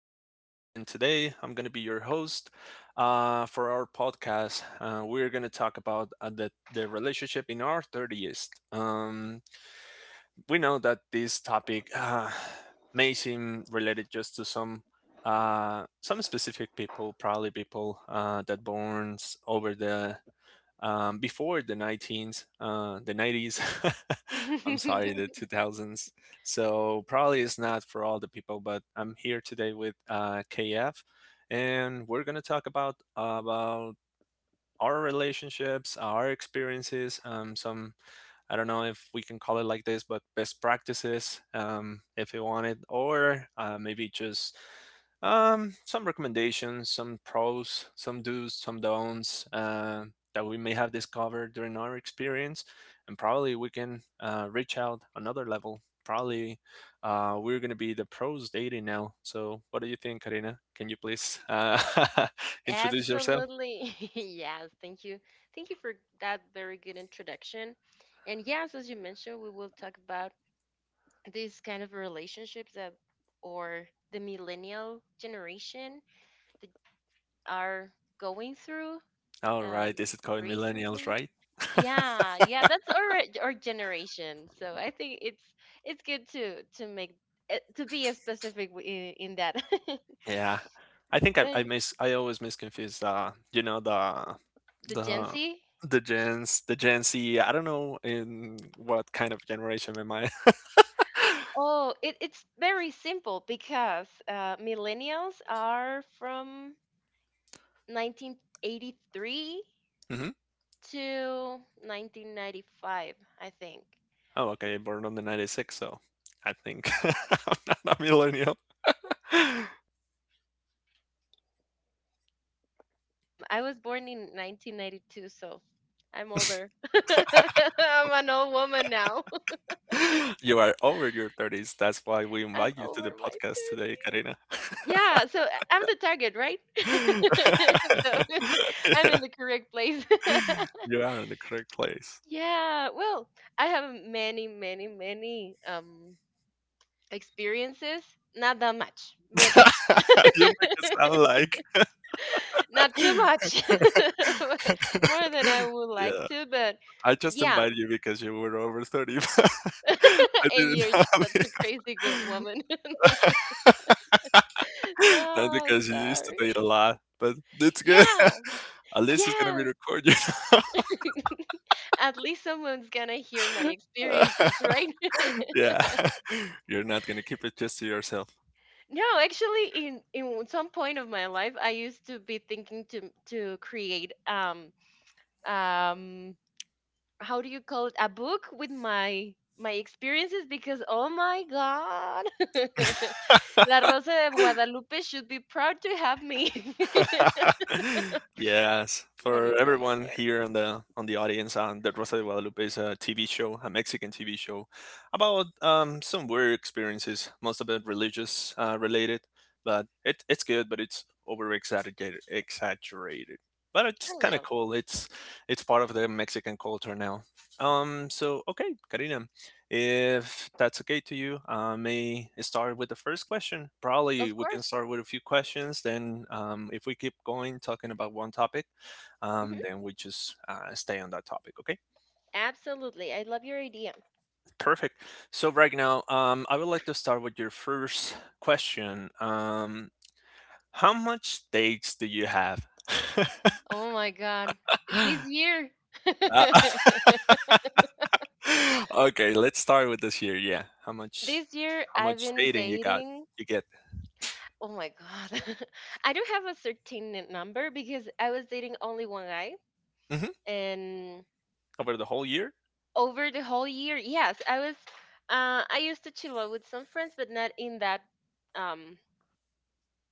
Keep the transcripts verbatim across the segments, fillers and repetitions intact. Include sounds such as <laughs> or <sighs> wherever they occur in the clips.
I- I'm David, and today I'm going to be your host uh, for our podcast. Uh, we're going to talk about uh, the, the relationship in our thirties. Um, we know that this topic uh, may seem related just to some uh, some specific people, probably people uh, that borns over the um, before the nineteens, uh, the nineties. <laughs> I'm sorry, <laughs> the two thousands. So probably it's not for all the people, but I'm here today with uh, K F, and we're gonna talk about about our relationships, our experiences, um, some I don't know if we can call it like this, but best practices, um, if you want it, or uh, maybe just um, some recommendations, some pros, some do's, some don'ts uh, that we may have discovered during our experience, and probably we can uh, reach out another level. Probably uh, we're going to be the pros dating now. So, what do you think, Karina? Can you please uh, <laughs> introduce yourself? Absolutely. <laughs> Yes, thank you. Thank you for that very good introduction. And yes, as you mentioned, we will talk about these kind of relationships that or the millennial generation that are going through All um right, this is called millennials, recently. right? Yeah, yeah, that's our our generation. So I think it's it's good to to make eh, to be as specific w- in, in that. <laughs> Yeah. I think I I But miss I always misconfuse, uh, you know, the the Gen the Z. the gens the Gen Z. I don't know in what kind of generation am I. <laughs> Oh, it, it's very simple because uh, millennials are from nineteen eighty-three Mhm. to nineteen ninety-five, I think. Oh, okay, born on the ninety-six, so I think <laughs> Oh I'm my not a God, you're millennial. you're <laughs> <laughs> you're not a millennial. Sorry, I, I I am. I was born in nineteen ninety-two, so I'm older. <laughs> I'm an old woman now. <laughs> You are over your thirties. That's why we I'm invite you to over the my podcast today, thirties. Karina. Yeah, so I- I'm the target, right? <laughs> So <laughs> <laughs> I'm Yeah. in the correct place. <laughs> You are in the correct place. Yeah, well, I have many, many, many um experiences. Not that much, but <laughs> You make it sound like not too much. <laughs> <laughs> More than I <laughs> would like Yeah, to, but I just yeah. invited you because you were over thirty. <laughs> <laughs> I And didn't you're have such a it. crazy good woman. <laughs> <laughs> Not No, because you used to sorry. date a lot, but it's good. Yeah, <laughs> At least it's gonna be yes. recorded. <laughs> At least someone's gonna hear my experiences, right? <laughs> Yeah, <laughs> you're not gonna keep it just to yourself. <laughs> No, actually, in in some point of my life, I used to be thinking to to create um um how do you call it, a book with my my experiences because oh my god. <laughs> La rosa de guadalupe should be proud to have me. <laughs> <laughs> Yes, Menu for drama everyone there, here on the on the audience, um, the Rosa de Guadalupe is a T V show, a Mexican T V show, about um, some weird experiences, most of it religious uh, related. But it, it's good, but it's over exaggerated, exaggerated. But it's a kind of little cool. It's it's part of the Mexican culture now. Um, so okay, Karina, if that's okay to you, I may start with the first question. Probably of we can course. start with a few questions. Then, um, if we keep going talking about one topic, um, Hmm, then we just uh, stay on that topic. Okay, absolutely, I love your idea. perfect. So right now, um, I would like to start with your first question. Um, how much dates do you have? Oh my god, this <laughs> year. Uh, <laughs> okay, let's start with this year. Yeah, how <laughs> much? This year How I've much been dating you got? dating. You get Oh my god. <laughs> I don't have a certain number because I was dating only one guy hmm and over the whole year? over the whole year. Yes, I was. Uh, I used to chill out with some friends, but not in that um,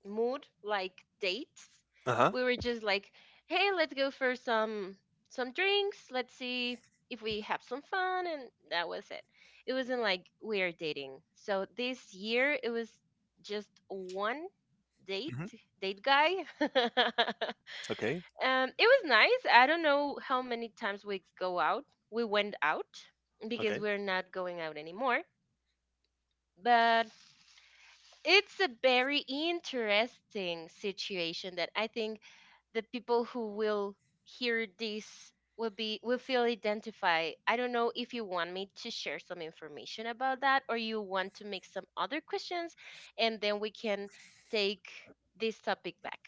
mood like dates. Uh huh. We were just like, hey, let's go for some some drinks. Let's see if we have some fun, and that was it. It wasn't like we are dating. So this year, it was just one date, Hmm. date guy. <laughs> Okay. Um, it was nice. I don't know how many times we go out. We went out because Okay. we're not going out anymore. But it's a very interesting situation that I think the people who will hear this will be, will feel identified. I don't know if you want me to share some information about that or you want to make some other questions and then we can take this topic back.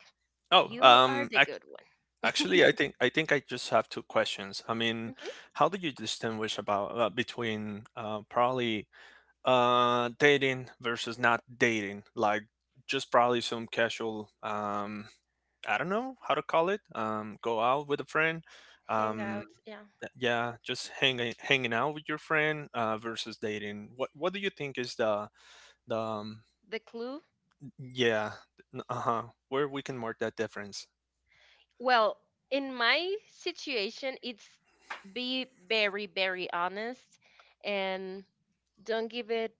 Oh, You are um, the ac- good one. actually, I think I think I just have two questions. I mean, Hmm. how do you distinguish about uh, between uh, probably uh, dating versus not dating? Like just probably some casual, um, I don't know how to call it. Um, go out with a friend. Um, Hangouts, yeah. yeah, just hanging hanging out with your friend uh, versus dating. What what do you think is the the um, The clue? Yeah, uh-huh, where we can mark that difference? Well, in my situation, it's be very, very honest and don't give it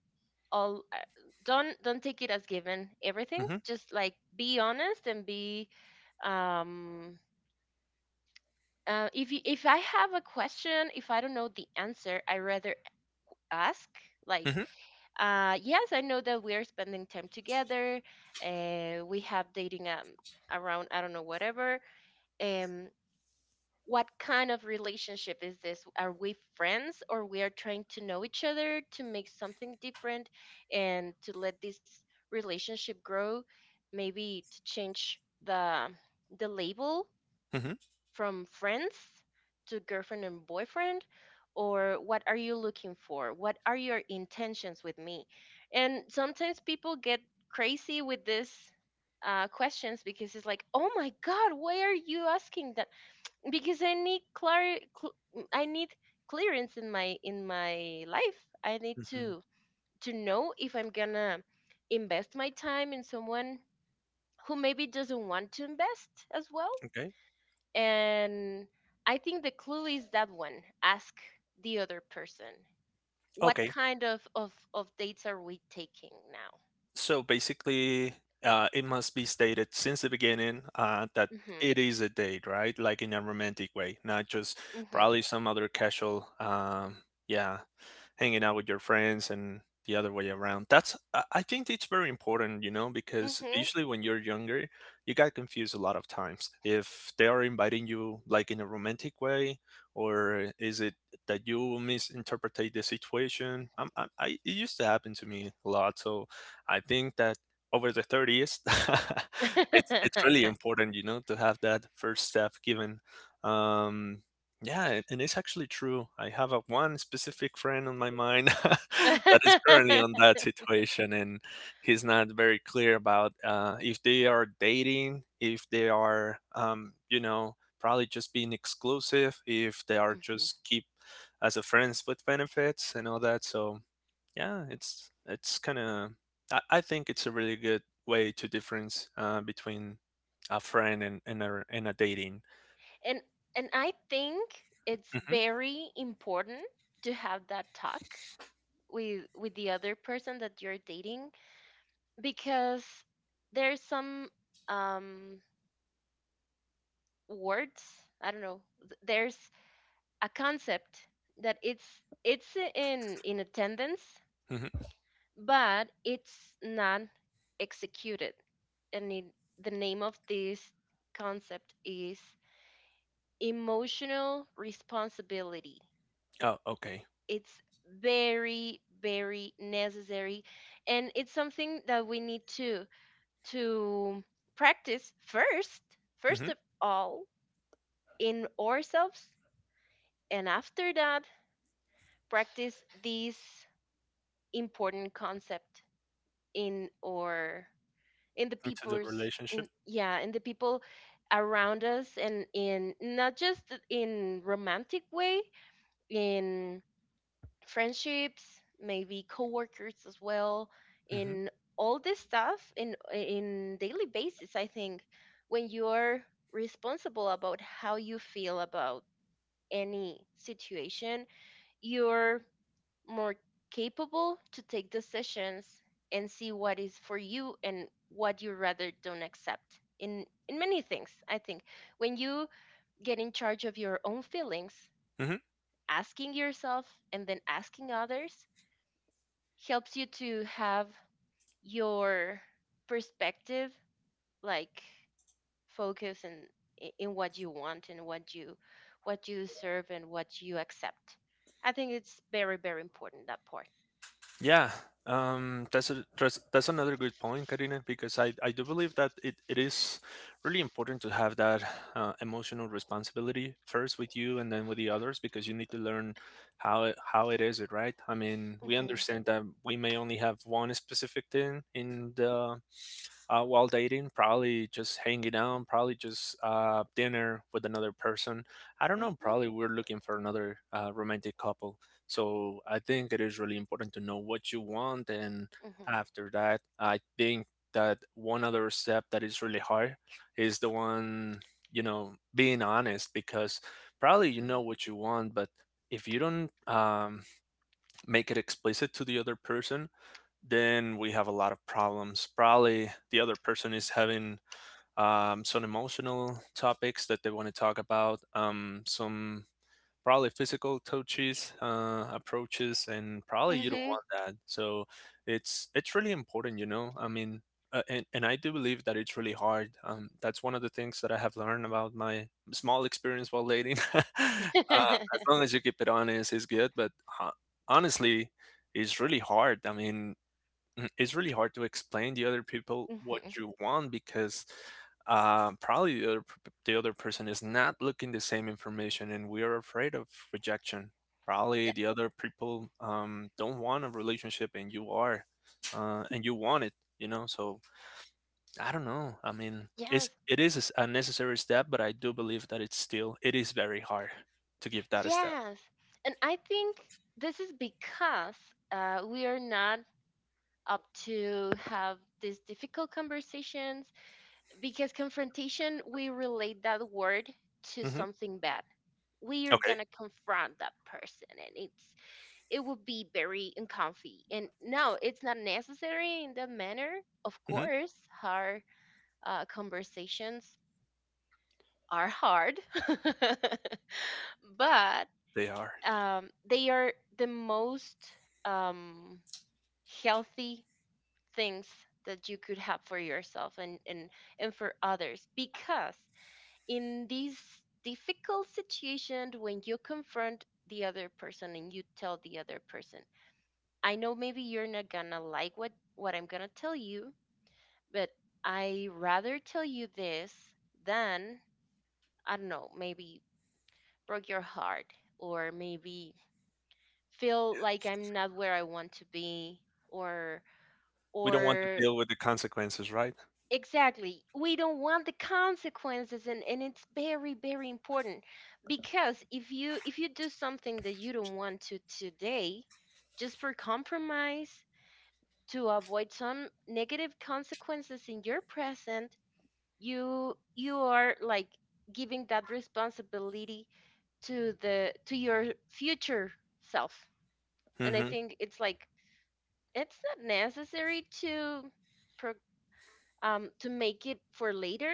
all, uh, don't don't take it as given everything, Mm-hmm. just like be honest and be um uh, if you, if I have a question, if I don't know the answer, I rather ask, like, Mm-hmm. uh, yes, I know that we are spending time together, uh, we have dating, um around, I don't know, whatever. Um, what kind of relationship is this? Are we friends or we are trying to know each other to make something different and to let this relationship grow, maybe to change the the label Mm-hmm. from friends to girlfriend and boyfriend? Or what are you looking for? What are your intentions with me? And sometimes people get crazy with this, uh, questions, because it's like, oh my God, why are you asking? Because I need clar cl, I need clearance in my in my life. I need Mhm. to to know if I'm gonna invest my time in someone who maybe doesn't want to invest as well. Okay. And I think the clue is that one. Ask the other person, what Okay. kind of of of dates are we taking now. So basically, uh, it must be stated since the beginning uh, that Mhm. it is a date, right? Like in a romantic way, not just Mhm. probably some other casual. Um, yeah, hanging out with your friends and the other way around. That's I I think it's very important, you know, because Mhm. usually when you're younger, you got confused a lot of times. If they are inviting you like in a romantic way, or is it that you misinterpret the situation? I'm, I I it used to happen to me a lot, so I think that over the thirties, <laughs> it's it's really important, you know, to have that first step given. Um, yeah, and it's actually true. I have a one specific friend on my mind <laughs> that is currently on <laughs> that situation, and he's not very clear about uh, if they are dating, if they are, um, you know, probably just being exclusive, if they are Mhm. just keep as a friends with benefits and all that. So yeah, it's it's kind of I, I think it's a really good way to difference uh, between a friend and and a, and a dating. and and I think it's Hmm. very important to have that talk with with the other person that you're dating because there's some um words, I don't know, th- there's a concept that it's it's in in attendance Hmm. but it's not executed, and it, the name of this concept is emotional responsibility. Oh, okay. It's very very necessary and it's something that we need to to practice first, first Mhm. of all in ourselves, and after that practice this important concept in, or in the Into the people's relationship. in, yeah, in the people around us, and in not just in romantic way, in friendships, maybe coworkers as well, Hmm. in all this stuff in in daily basis. I think when you're responsible about how you feel about any situation, you're more capable to take decisions and see what is for you and what you rather don't accept in in many things. I think when you get in charge of your own feelings, Hmm. asking yourself and then asking others, helps you to have your perspective like focus in, I- in what you want and what you, what you deserve and what you accept. I think it's very very important, that part. Yeah, um, that's a, that's that's another good point, Karina, because I, I do believe that it, it is really important to have that uh, emotional responsibility first with you and then with the others because you need to learn how it, how it is it right. I mean, we Mhm. understand that we may only have one specific thing in the uh, while dating, probably just hanging out, probably just uh, dinner with another person. I don't know, Mhm. probably we're looking for another uh, romantic couple. So I think it is really important to know what you want. And Mhm. after that, I think that one other step that is really hard is the one, you know, being honest because probably you know what you want, but if you don't um, make it explicit to the other person, then we have a lot of problems. Probably the other person is having um, some emotional topics that they want to talk about, um, some probably physical touches, uh, approaches, and probably Mhm. you don't Mhm. want that. So it's it's really important, you know. I mean, uh, and and I do believe that it's really hard. Um, that's one of the things that I have learned about my small experience while dating. <laughs> Uh, as <laughs> long as you keep it honest, it's good. But uh, honestly, it's really hard. I mean, Mm, it's really hard to explain the other people what Mhm. you want because uh, probably the other p- the other person is not looking the same information, and we are afraid of rejection. Probably Uh, the other people um, don't want a relationship, and you are, uh, and you want it. You know, so I don't know. I mean, it's yes, it is a s- a necessary step, but I do believe that it's still it is very hard to give that a step. yes, and I think this is because uh, we are not up to have these difficult conversations because confrontation, we relate that word to Hmm. something bad. We are Okay, gonna confront that person and it's, it would be very uncomfy, and no, it's not necessary in that manner. Of hmm course our uh, conversations are hard, <laughs> but they are. um, they are the most um, healthy things that you could have for yourself and and and for others, because in these difficult situations when you confront the other person and you tell the other person, I know maybe you're not gonna like what what I'm gonna tell you, but I rather tell you this than, I don't know, maybe broke your heart or maybe feel like I'm not where I want to be, or We don't want to or. deal with the consequences, right? Exactly. We don't want the consequences, and, and it's very, very important because if you, if you do something that you don't want to today, just for compromise, to avoid some negative consequences in your present, you you are like giving that responsibility to the, to your future self. And I Hmm. think it's like, it's not necessary to pro-, um to make it for later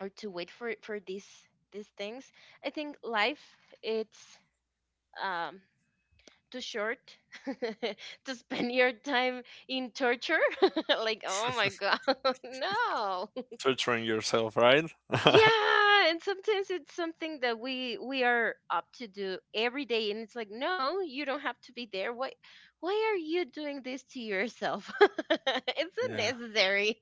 or to wait for for these these things. I think life it's um too short <laughs> to spend your time in torture. <laughs> Like oh my god. <laughs> No, Torturing yourself, right? <laughs> yeah, and sometimes it's something that we we are up to do every day, and it's like no, you don't have to be there, why why are you doing this to yourself? <laughs> It's Yeah. unnecessary.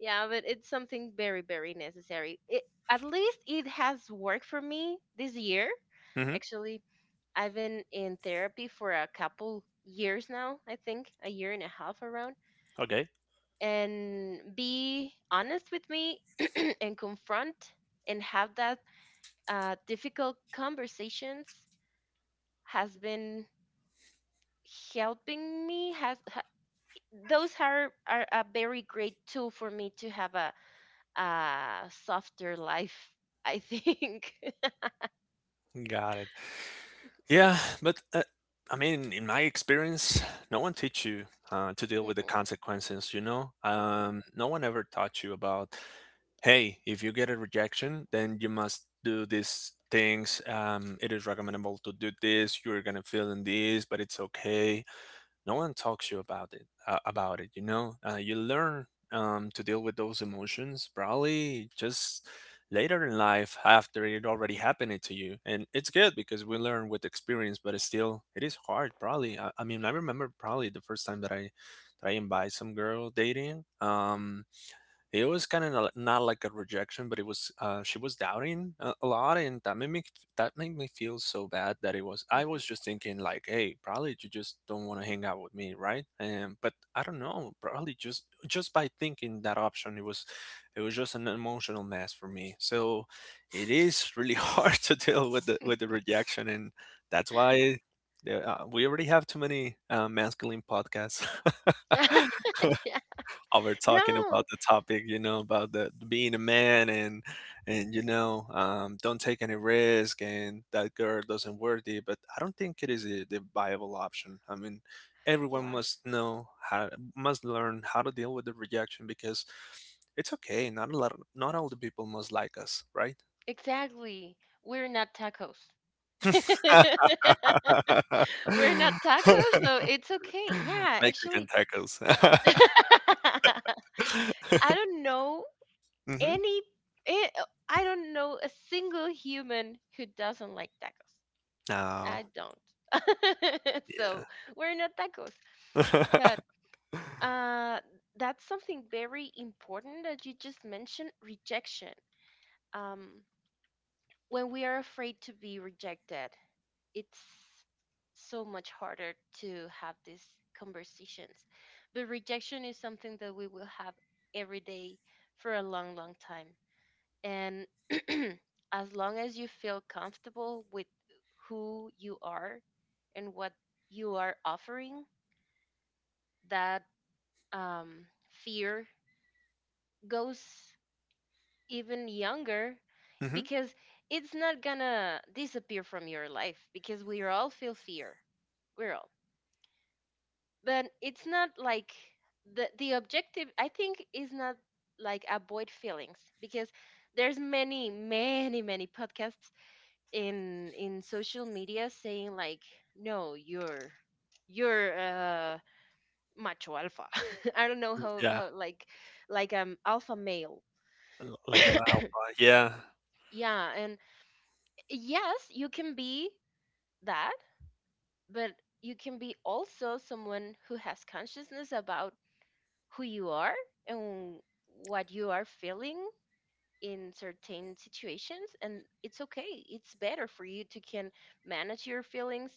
Yeah, but it's something very, very necessary. It, at least it has worked for me this year. Hmm. Actually, I've been in therapy for a couple years now, I think, a year and a half around. Okay. And be honest with me <clears throat> and confront and have that uh, difficult conversations has been helping me, has ha-, those are, are a very great tool for me to have a uh softer life I think. <laughs> Got it. Yeah, but uh, I mean, in my experience, no one teach you uh, to deal with the consequences. You know, Mm-mm, um, no one ever taught you about, hey, if you get a rejection, then you must do these things. Um, it is recommendable to do this. You're gonna feel in this, but it's okay. No one talks you about it uh, about it, you know, uh, you learn, um, to deal with those emotions probably just later in life after it already happened to you, and it's good because we learn with experience, but it's still it is hard probably. i, I mean, i remember probably the first time that i that i invited some girl dating, um it was kind of not like a rejection, but it was, uh, she was doubting a, a lot, and that made me, that made me feel so bad that it was, i mm-mm. was just thinking like, hey, probably you just don't want to hang out with me, right? And but i don't know, probably just just by thinking that option, it was, it was just an emotional mess for me. So it is really <laughs> hard to deal with the with the rejection. And that's why there, uh, we already have too many uh, masculine podcasts <laughs> Yeah, <laughs> over talking no, about the topic, you know, about the being a man, and and you know, um, don't take any risk and that girl doesn't worthy. But I don't think it is a, the viable option. I mean, everyone yeah, must know how must learn how to deal with the rejection because it's okay. Not a lot. of- Not all the people must like us, right? exactly, we're not tacos. <laughs> <laughs> We're not tacos, so it's okay. Yeah, Mexican actually. tacos. <laughs> I <laughs> don't know Hmm. any, eh, uh, I don't know a single human who doesn't like tacos. I No. don't. <laughs> Yeah. So we're not tacos, but <laughs> uh, that's something very important that you just mentioned, rejection. Um, when we are afraid to be rejected, it's so much harder to have these conversations. But rejection is something that we will have every day for a long, long time. And <clears throat> as long as you feel comfortable with who you are and what you are offering, that um, fear goes even younger, Hmm. because it's not gonna disappear from your life, because we all feel fear, we're all, but it's not like, the the objective I think is not like avoid feelings, because there's many many many podcasts in in social media saying like no, you're, you're uh macho alpha. <laughs> I don't know how Yeah, how like like um alpha male, l like a loud. Yeah. yeah, and yes, you can be that, but you can be also someone who has consciousness about who you are and what you are feeling in certain situations, and it's okay. It's better for you to can manage your feelings,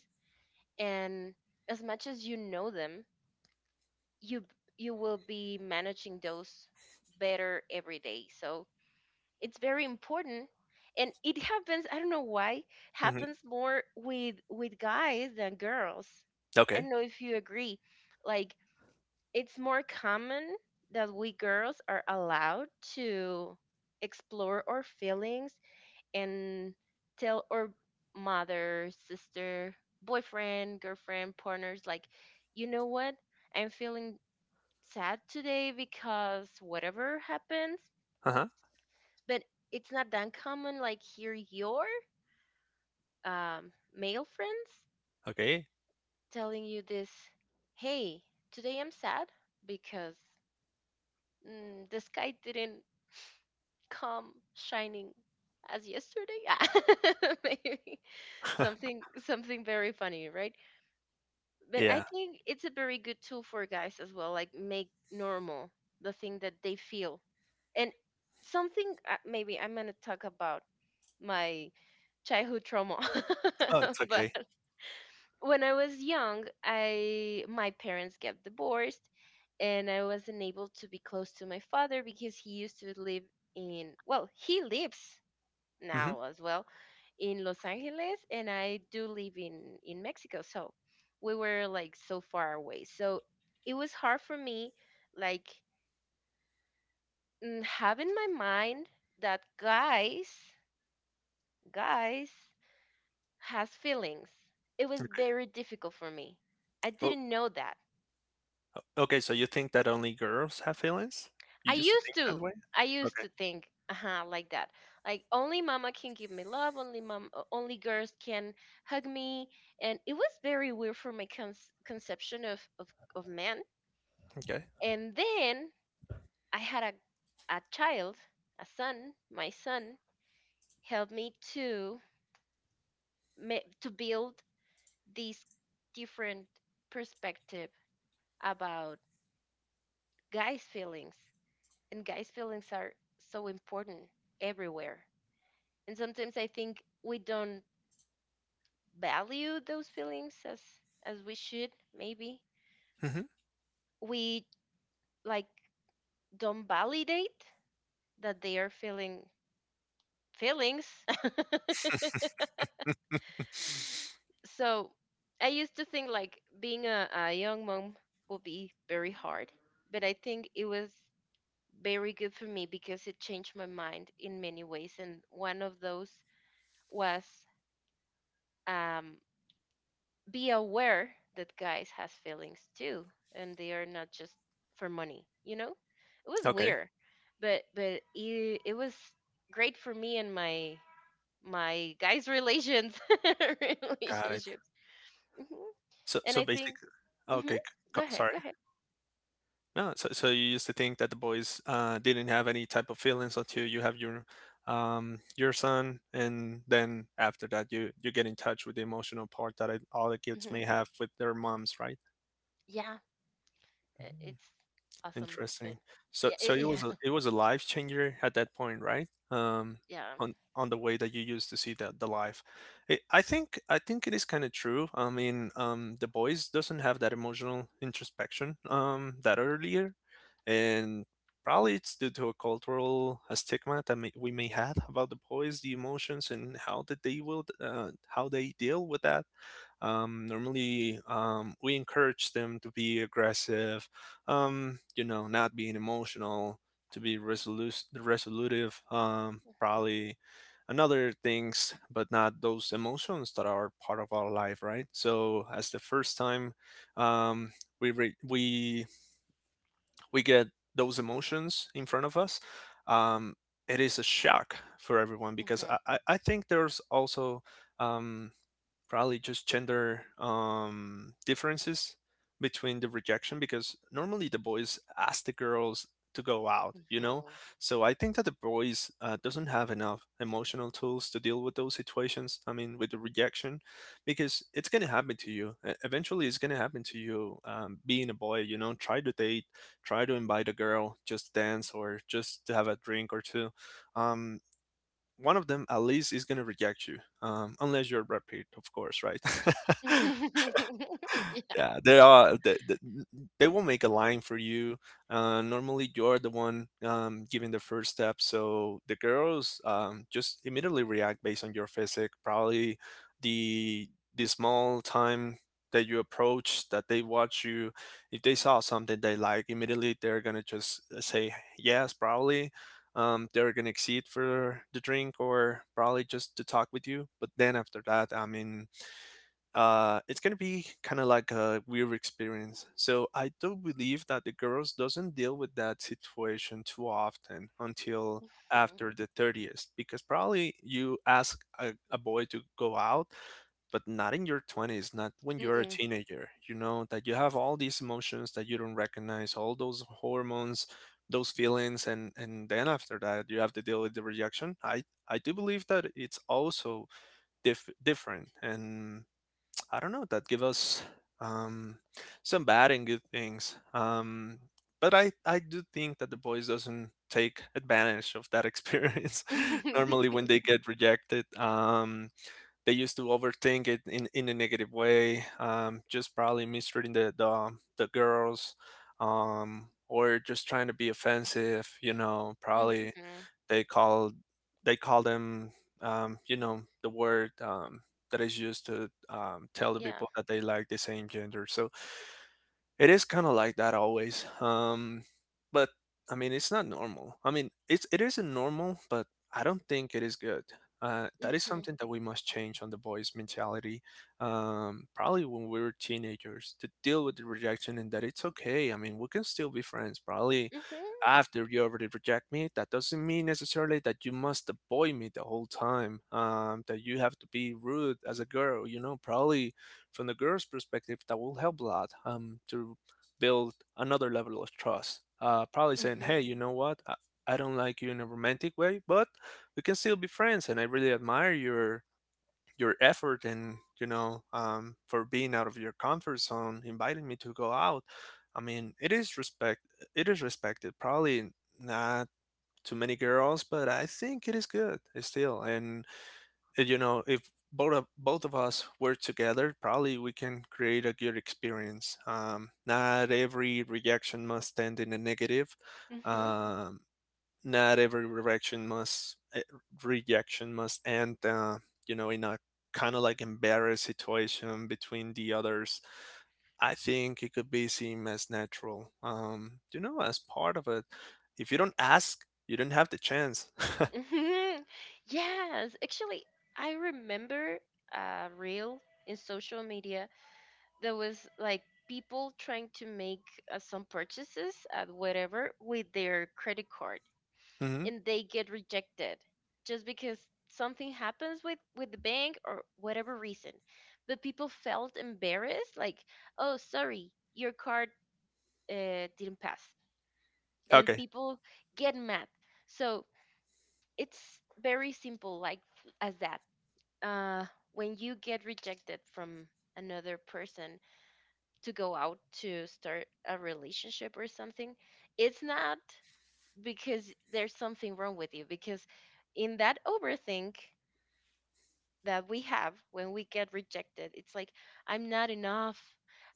and as much as you know them, you you will be managing those better every day. So it's very important. And it happens, I don't know why, Mhm. happens more with with guys than girls. I don't Okay. know if you agree, like it's more common that we girls are allowed to explore our feelings and tell our mother, sister, boyfriend, girlfriend, partners, like, you know what, I'm feeling sad today because whatever happens, Uh-huh. but it's not that common, like hear your um, male friends Okay. telling you this, "Hey, today I'm sad because, mm, the sky didn't <laughs> come shining as yesterday." <laughs> Yeah, maybe <laughs> something, something very funny, right? But I Yeah. think it's a very good tool for guys as well, like make normal the thing that they feel and something uh, maybe I'm going to talk about my childhood trauma Oh, it's <laughs> but okay. when I was young I my parents got divorced, and I wasn't able to be close to my father because he used to live in well he lives Mhm. now as well in Los Angeles, and I do live in in Mexico. So we were like so far away, so it was hard for me, like mm, have in my mind that guys guys has feelings. It was Okay. very difficult for me. I Oh, didn't know that. okay, so you think that only girls have feelings? I You used to used think to. that way? I used Okay. to think uh like that. Like only mama can give me love, only mom, uh, only girls can hug me, and it was very weird for my con- conception of, of of men. Okay. And then I had a a child, a son. My son helped me to ma- to build this different perspective about guys' feelings. And guys' feelings are so important everywhere. And sometimes I think we don't value those feelings as as we should, maybe. Mhm. We like don't validate that they are feeling feelings. <laughs> <laughs> So I used to think like being a, a young mom would be very hard, but I think it was very good for me because it changed my mind in many ways. And one of those was um, be aware that guys has feelings too, and they are not just for money you know It was Okay. weird, but but it, it was great for me and my my guys relations <laughs> Got it. relationships. Hmm. So And so I think, basically. hmm, Okay, c go co- ahead, go sorry. ahead. No, so so you used to think that the boys uh, didn't have any type of feelings until you have your um, your son, and then after that, you you get in touch with the emotional part that it, all the kids Hmm, may have with their moms, right? yeah, uh, it's awesome, but Interesting. So yeah so it it, was a, yeah it was a life changer at that point, right? Um, <laughs> yeah. on on the way that you used to see the the life. I I think I think it is kind of true. I mean, um, the boys doesn't have that emotional introspection um that earlier, and probably it's due to a cultural uh, stigma that may, we may have about the boys, the emotions, and how that they will uh, how they deal with that. Um, normally, um, we encourage them to be aggressive, um, you know, not being emotional, to be resolute, resolutive, um, probably and other things, but not those emotions that are part of our life, right? So, as the first time um, we re- we we get those emotions in front of us, um, it is a shock for everyone because Mhm, I, I I think there's also um, probably just gender um, differences between the rejection, because normally the boys ask the girls to go out, you know. mhm. So I think that the boys uh, doesn't have enough emotional tools to deal with those situations, I mean with the rejection, because it's going to happen to you. E- eventually it's going to happen to you, um, being a boy, you know. Try to date, try to invite a girl just dance or just to have a drink or two. um, One of them at least is going to reject you, um, unless you're Brad Pitt, of course, right? <laughs> <laughs> Yeah. Yeah, there are they, they, they will make a line for you. Uh, normally, you're the one um, giving the first step, so the girls um, just immediately react based on your physique. Probably the the small time that you approach, that they watch you. If they saw something they like, immediately they're gonna just uh, say yes. Probably um, they're gonna exceed for the drink, or probably just to talk with you. But then after that, I mean uh, it's gonna be kind of like a weird experience. So I do believe that the girls doesn't deal with that situation too often until Mhm. after the thirtieth, because probably you ask a, a boy to go out, but not in your twenties, not when you're a Mm-mm. teenager, you know, that you have all these emotions that you don't recognize, all those hormones, those feelings. and and then after that you have to deal with the rejection. I i do believe that it's also dif- different, and I don't know, that give us um, some bad and good things. Um, but I, I do think that the boys doesn't take advantage of that experience <laughs> normally when they get rejected. Um, they used to overthink it in, in a negative way, um, just probably mistreating the the, the girls, um, or just trying to be offensive. You know, <laughs> Mhm. probably they call they call them um, you know, the word um, that is used to um, tell the Yeah. people that they like the same gender. So it is kind of like that always. Um, but I mean, it's not normal. I mean, it's it isn't normal, but I don't think it is good. Uh, that is Mhm, something that we must change on the boys' mentality. Um, probably when we were teenagers, to deal with the rejection and that it's okay. I mean, we can still be friends. Probably mhm, after you already reject me, that doesn't mean necessarily that you must avoid me the whole time. Um, that you have to be rude as a girl. You know, probably from the girl's perspective, that will help a lot um, to build another level of trust. Uh, probably saying, mhm, hey, you know what? I, I don't like you in a romantic way, but we can still be friends. And I really admire your your effort and, you know, um, for being out of your comfort zone, inviting me to go out. I mean, it is respect. It is respected. Probably not too many girls, but I think it is good still. And uh, you know, if both of both of us were together, probably we can create a good experience. Um, not every reaction must end in a negative mhm, um, Not every reaction must eh, rejection must end uh, you know, in a kind of like embarrassed situation between the others. I think it could be seen as natural, um, you know, as part of it. If you don't ask, you don't have the chance. <laughs> mhm. <laughs> Yes, actually, I remember a reel in social media that was like people trying to make uh, some purchases at whatever with their credit card, Hmm. and they get rejected just because something happens with with the bank or whatever reason. But people felt embarrassed, like, "Oh, sorry, your card uh, didn't pass," and Okay. people get mad. So it's very simple, like as that, uh when you get rejected from another person to go out, to start a relationship or something, it's not because there's something wrong with you, because in that overthink that we have when we get rejected, it's like I'm not enough,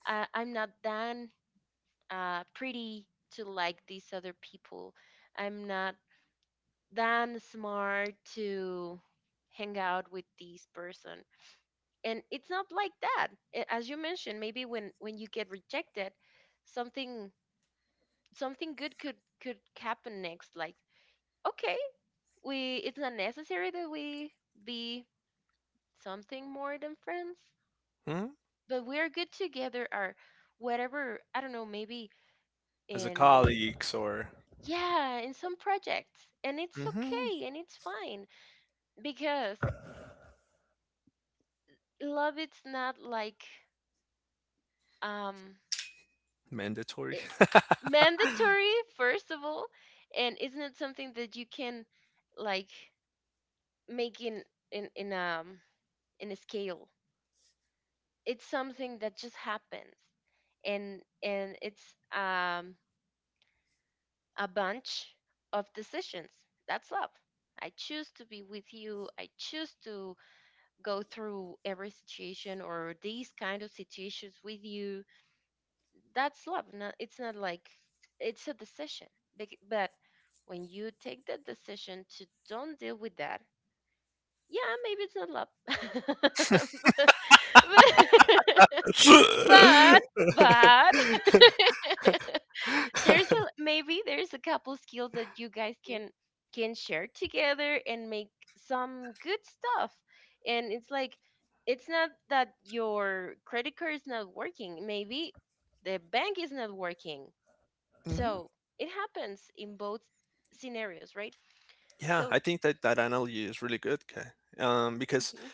uh, I'm not that uh, pretty to like these other people, I'm not than smart to hang out with this person. And it's not like that. A- as you mentioned, maybe when when you get rejected, something, something good could could happen next, like, okay, we it's not necessary that we be something more than friends, Hmm. but we're good together, or whatever. I don't know, maybe As a in, colleagues, or yeah, in some projects, and it's Mhm. okay and it's fine. Because love it's not like, um, Mandatory. it, <laughs> mandatory first of all, and isn't it something that you can like make in in in um in a scale? It's something that just happens, and and it's, um, a bunch of decisions. That's love. I choose to be with you, I choose to go through every situation or these kind of situations with you. That's love. Not, it's not like, it's a decision. Bec- But when you take the decision to don't deal with that, yeah, maybe it's not love. <laughs> But, but, but <laughs> there's a, maybe there's a couple skills that you guys can can share together and make some good stuff. And it's like it's not that your credit card is not working. Maybe the bank is not working, Mhm. so it happens in both scenarios, right? Yeah, So, I think that that analogy is really good, 'kay, um, because mhm,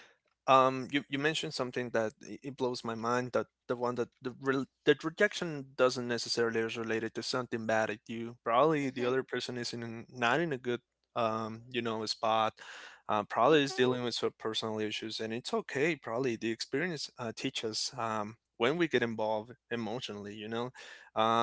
um, you, you mentioned something that i- it blows my mind, that the one that the re- that rejection doesn't necessarily is related to something bad at you. Probably the mhm, other person is in not in a good um you know, spot. Uh, probably is dealing mhm, with some personal issues, and it's okay. Probably the experience uh, teaches um when we get involved emotionally, you know,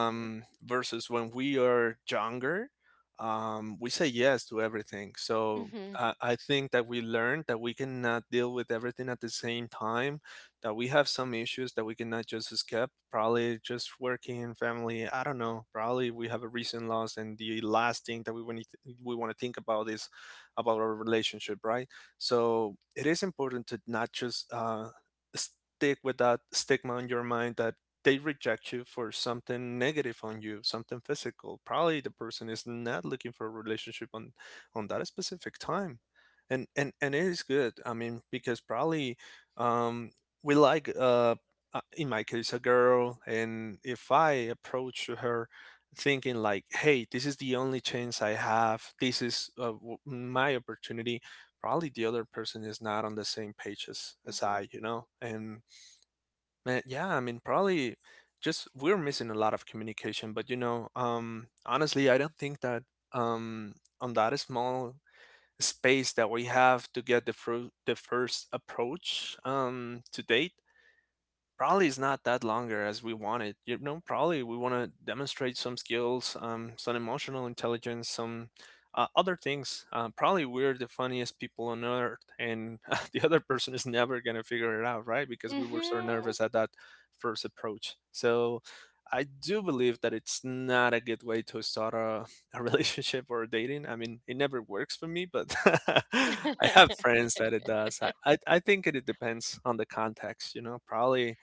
mhm, versus when we are younger. Um, we say yes to everything. So mhm, uh, I think that we learned that we cannot deal with everything at the same time, that we have some issues that we cannot just escape. Probably just working, family. I don't know. Probably we have a recent loss, and the last thing that we want to, we want to think about is about our relationship, right? So it is important to not just uh, stick with that stigma in your mind, that they reject you for something negative on you, something physical. Probably the person is not looking for a relationship on on that specific time. And and and it is good, I mean, because probably um we like uh uh, in my case a girl, and if I approach her thinking like, hey, this is the only chance I have, this is uh, w- my opportunity, probably the other person is not on the same page as, as mhm, I, you know. And man, yeah, I mean probably just we're missing a lot of communication, but you know, um, honestly, I don't think that um on that small space that we have to get the, fru- the first approach um, to date, probably is not that longer as we wanted. You know, probably we want to demonstrate some skills, um, some emotional intelligence, some uh, other things. Uh, probably we're the funniest people on earth, and <laughs> the other person is never gonna figure it out, right? Because we were so mhm, nervous at that first approach. So. I do believe that it's not a good way to start a, a <laughs> relationship or dating. I mean, it never works for me, but <laughs> I have friends that it does. I, I, I think it, it depends on the context, you know, probably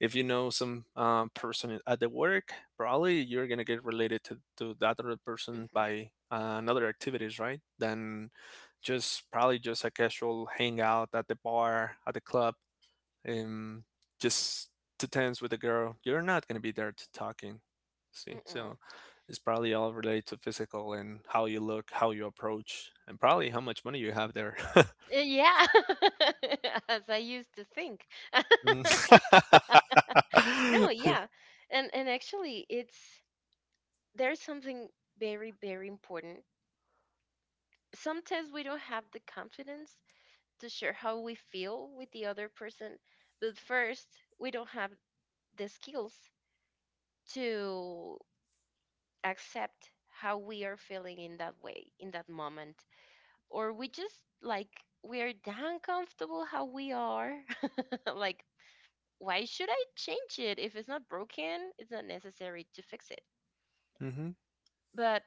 if you know some um, person at the work, probably you're gonna get related to, to that other person mhm, by uh, another activities, right? Than just probably just a casual hangout at the bar, at the club, and just to dance with a girl. You're not gonna be there to talking. See, mhm. so it's probably all related to physical, and how you look, how you approach, and probably how much money you have there. <laughs> Uh, yeah, <laughs> as I used to think. <laughs> Mm-hmm. No, yeah, and and actually, it's there's something very very important. Sometimes we don't have the confidence to share how we feel with the other person, but first we don't have the skills to accept how we are feeling in that way, in that moment. Or we just like, we are damn comfortable how we are. <laughs> Like, why should I change it? If it's not broken, it's not necessary to fix it. <laughs> But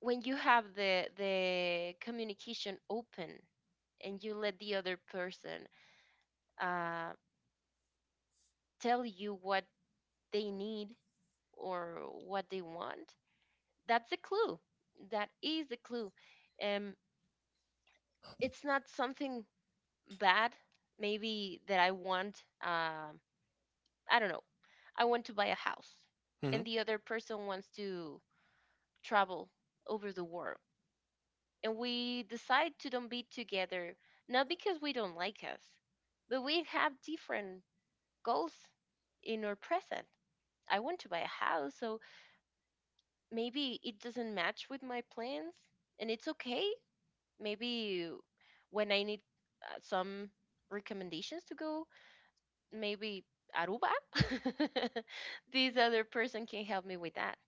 when you have the, the communication open, and you let the other person, uh, tell you what they need or what they want, that's a clue. That is a clue. Um, it's not something bad. Maybe that I want, um, I don't know, I want to buy a house, Hmm. and the other person wants to travel over the world, and we decide to don't be together. Not because we don't like us, but we have different goals in our present. I want to buy a house, so maybe it doesn't match with my plans, and it's okay. Maybe when I need uh, some recommendations to go, maybe Aruba, <laughs> this other person can help me with that.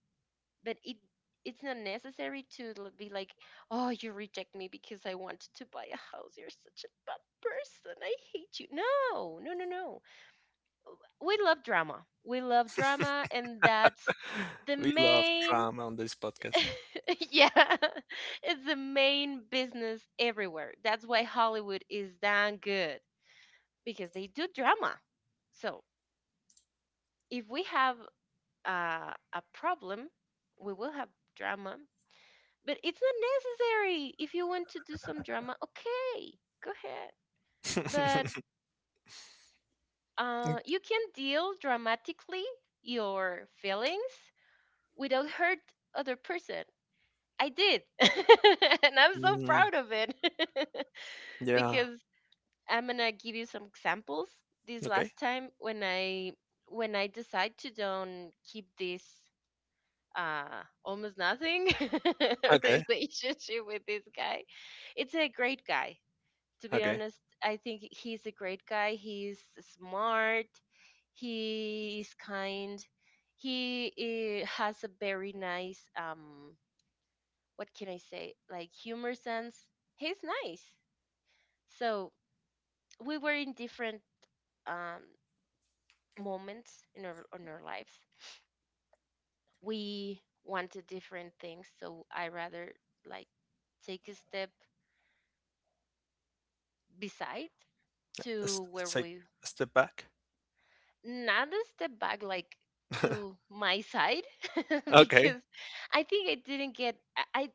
But it it's not necessary to l- be like, oh, you reject me because I wanted to buy a house. You're such a bad person. I hate you. No, no, no, no. We love drama. We love drama, and that's the We love main drama on this podcast. <laughs> yeah <laughs> it's the main business everywhere. That's why Hollywood is damn good, because they do drama. So if we have uh, a problem, we will have drama, but it's not necessary. If you want to do some drama, okay, go ahead. But <laughs> uh, you can deal dramatically your feelings without hurt other person. I did, <laughs> and I'm so Mm, proud of it <laughs> yeah. because I'm gonna give you some examples. This Okay. last time when I when I decide to don't keep this, uh, almost nothing <laughs> Okay. relationship with this guy. It's a great guy, to be Okay. honest. I think he's a great guy. He's smart. He is kind. He, uh has a very nice, um, what can I say, like humor sense. He's nice. So we were in different, um, moments in our on our lives, we wanted different things, so I rather like take a step beside Let's, to where let's take we a step back. not a step back, like <laughs> to my side <laughs> Okay. because I think I didn't get i i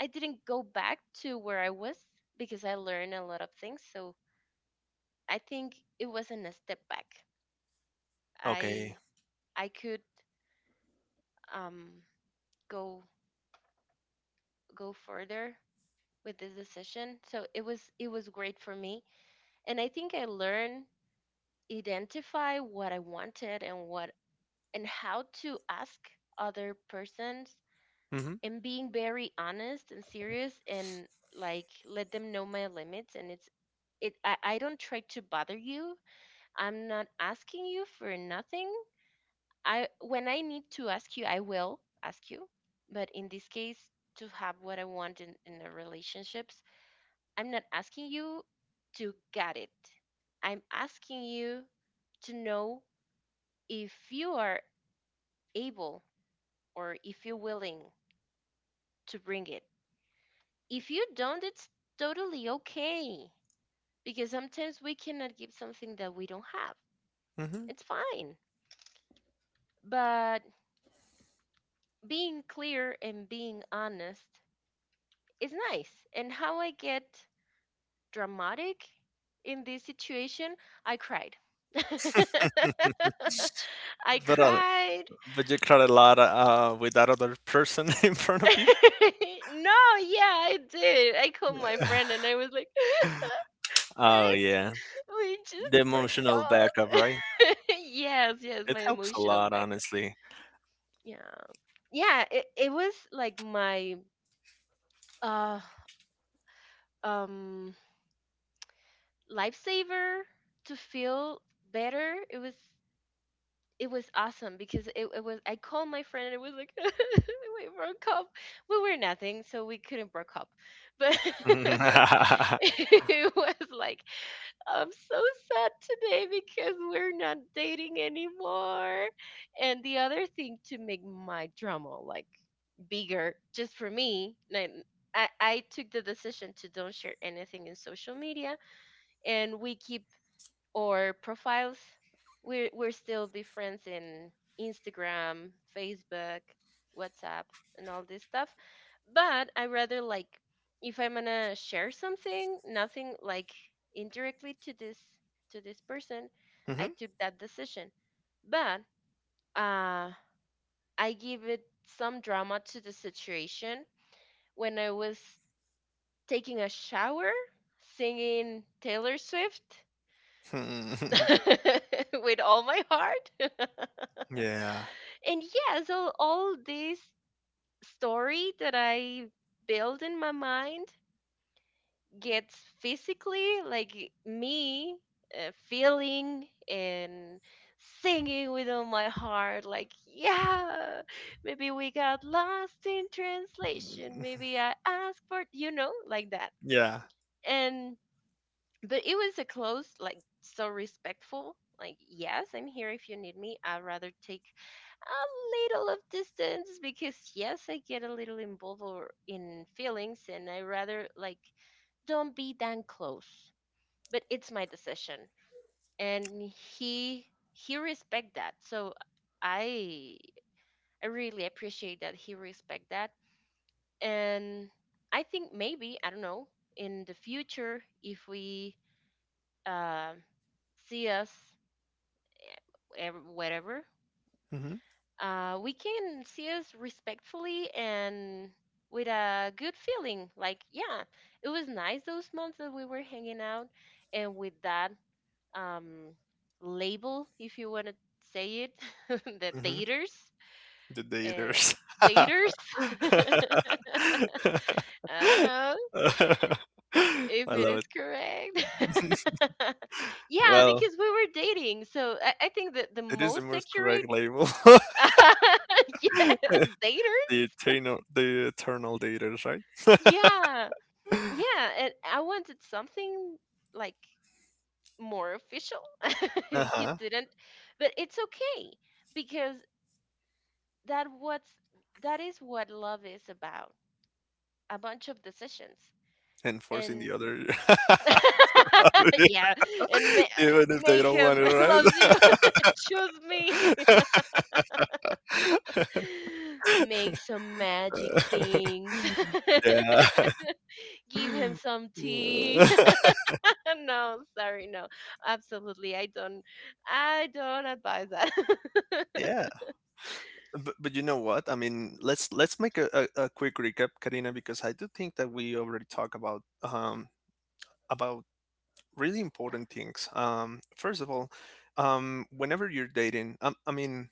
I didn't go back to where I was because I learned a lot of things. So I think it wasn't a step back. Okay. i I could, um, go go further with this decision, so it was it was great for me. And I think I learned identify what I wanted and what and how to ask other persons, Mm-hmm. and being very honest and serious, and like let them know my limits. And it's it I, I don't try to bother you. I'm not asking you for nothing. I when I need to ask you, I will ask you. But in this case, to have what I want in, in the relationships, I'm not asking you to get it. I'm asking you to know if you are able or if you're willing to bring it. If you don't, it's totally okay, because sometimes we cannot give something that we don't have. Mm-hmm. It's fine. But being clear and being honest is nice. And how I get dramatic in this situation, I cried. <laughs> I <laughs> But uh, cried. but you cried a lot uh, with that other person <laughs> in front <laughs> of you. No, yeah, I did. I called my friend <laughs> and I was like, <laughs> Oh friend, yeah, we the just emotional backup, right? forgot. <laughs> Yes, yes, It my helps a emotional lot, backup. honestly. <laughs> Yeah. Yeah, it, it was like my uh um lifesaver to feel better. It was it was awesome because it, it was I called my friend, and it was like <laughs> we broke up. We were nothing, so we couldn't broke up. But <laughs> it was like I'm so sad today because we're not dating anymore. And the other thing to make my drama like bigger, just for me, like, I, I took the decision to don't share anything in social media, and we keep or profiles. We're we're still different in Instagram, Facebook, WhatsApp, and all this stuff. But I rather like if I'm gonna share something, nothing like indirectly to this to this person, I Mhm. took that decision. But, uh, I give it some drama to the situation when I was taking a shower singing Taylor Swift <laughs> <laughs> with all my heart. Yeah. And yeah, so all this story that I build in my mind gets physically like me, uh, feeling and singing with all my heart like, yeah, maybe we got lost in translation, Mm, maybe I asked for you know like that. yeah. And but it was a close like so respectful, like yes I'm here if you need me, I'd rather take a little of distance because yes I get a little involved or in feelings, and I rather like don't be that close, but it's my decision. And he he respect that, so i I really appreciate that he respect that. And I think maybe I don't know in the future if we, uh see us ev- whatever, Hmm. uh, we can see us respectfully and with a good feeling. Like, yeah, it was nice those months that we were hanging out, and with that um, label, if you want to say it, <laughs> the Hmm. daters, The uh, daters. <laughs> daters. <laughs> I don't know I if it love is it. correct. <laughs> Yeah, Well, because we were dating, so I, I think that the it is the most most correct accurate, label. <laughs> <laughs> yes, The daters. eternal, the eternal daters, right? Yeah. Yeah, and I wanted something like more official. <laughs> He Uh-huh. didn't, but it's okay because that what's that is what love is about. A bunch of decisions And forcing and the other, <laughs> yeah, and <laughs> ma- even if they make don't want him it, <laughs> right? loves you. <laughs> Choose me. <laughs> Make some magic things. <laughs> <laughs> Give him some tea. Yeah. <laughs> No, sorry, no. Absolutely, I don't. I don't advise that. <laughs> <laughs> Yeah. <laughs> But, but you know what? I mean, let's let's make a, a, a quick recap, Karina, because I do think that we already talked about um, about really important things. Um, first of all, um, whenever you're dating, um, I mean,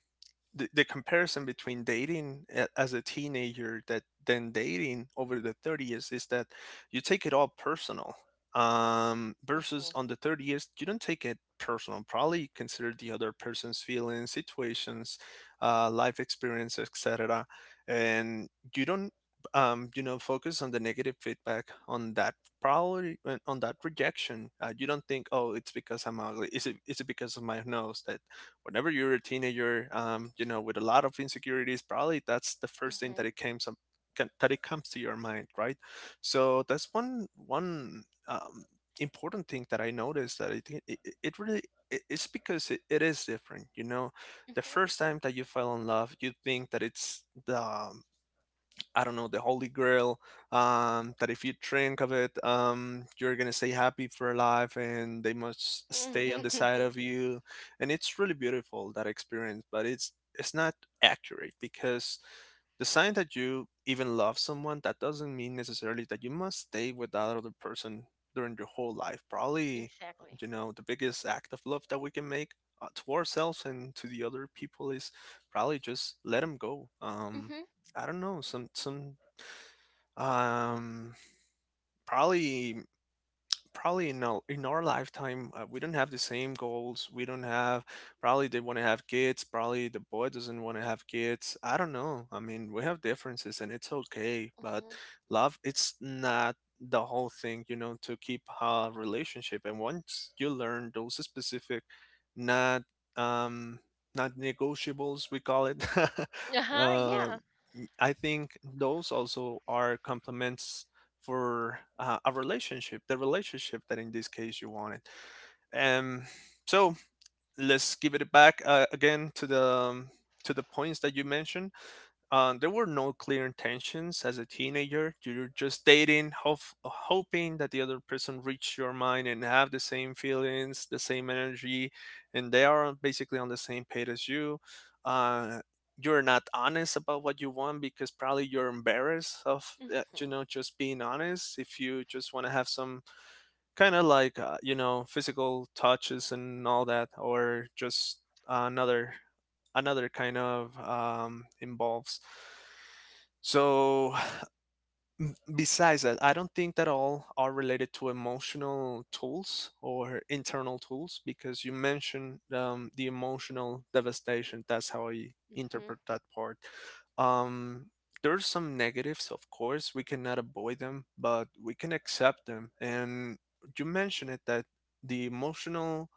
the, the comparison between dating a- as a teenager that then dating over the thirties, is that you take it all personal, um, versus Mhm, on the thirties you don't take it personal. Probably you consider the other person's feelings, situations, uh life experience, etc. And you don't um you know, focus on the negative feedback on that, probably uh, on that rejection. Uh, you don't think, oh, it's because I'm ugly, is it is it because of my nose, that whenever you're a teenager, um, you know, with a lot of insecurities, probably that's the first thing mhm, that it came some can- that it comes to your mind, right? So that's one one um, important thing that I noticed, that I think it, it it really it- it's because it, it is different, you know. The first time that you fell in love, you think that it's the um, I don't know, the Holy Grail, um, that if you drink of it, um, you're gonna stay happy for life, and they must mhm, stay on the side mhm. of you. And it's really beautiful that experience, but it's it's not accurate because the sign that you even love someone that doesn't mean necessarily that you must stay with that other person during your whole life. <laughs> Probably, uh, Exactly. you know, the biggest act of love that we can make uh, to ourselves and to the other people is probably just let them go. Um, Mhm, I don't know, some some um probably probably in our, in our lifetime, uh, we don't have the same goals. We don't have, probably they want to have kids. Probably the boy doesn't want to have kids. I don't know. I mean, we have differences and it's okay, but mhm. love, it's not the whole thing, you know, to keep a relationship. And once you learn those specific, not, um, not negotiables, we call it. <laughs> Uh-huh, yeah. um, I think those also are complements for uh, a relationship, the relationship that in this case you wanted. Um, so let's give it back uh, again to the um, to the points that you mentioned. Um, there were no clear intentions as a teenager. You're just dating, hope, hoping that the other person reach your mind and have the same feelings, the same energy, and they are basically on the same page as you. Uh, you're not honest about what you want because probably you're embarrassed of uh, you Mhm, know just being honest. If you just want to have some kind of like uh, you know physical touches and all that or just another another kind of um, involves so <sighs> besides that, I don't think that all are related to emotional tools or internal tools because you mentioned um, the emotional devastation. That's how I mhm, interpret that part. Um, there's some negatives, of course. We cannot avoid them, but we can accept them. And you mentioned it that the emotional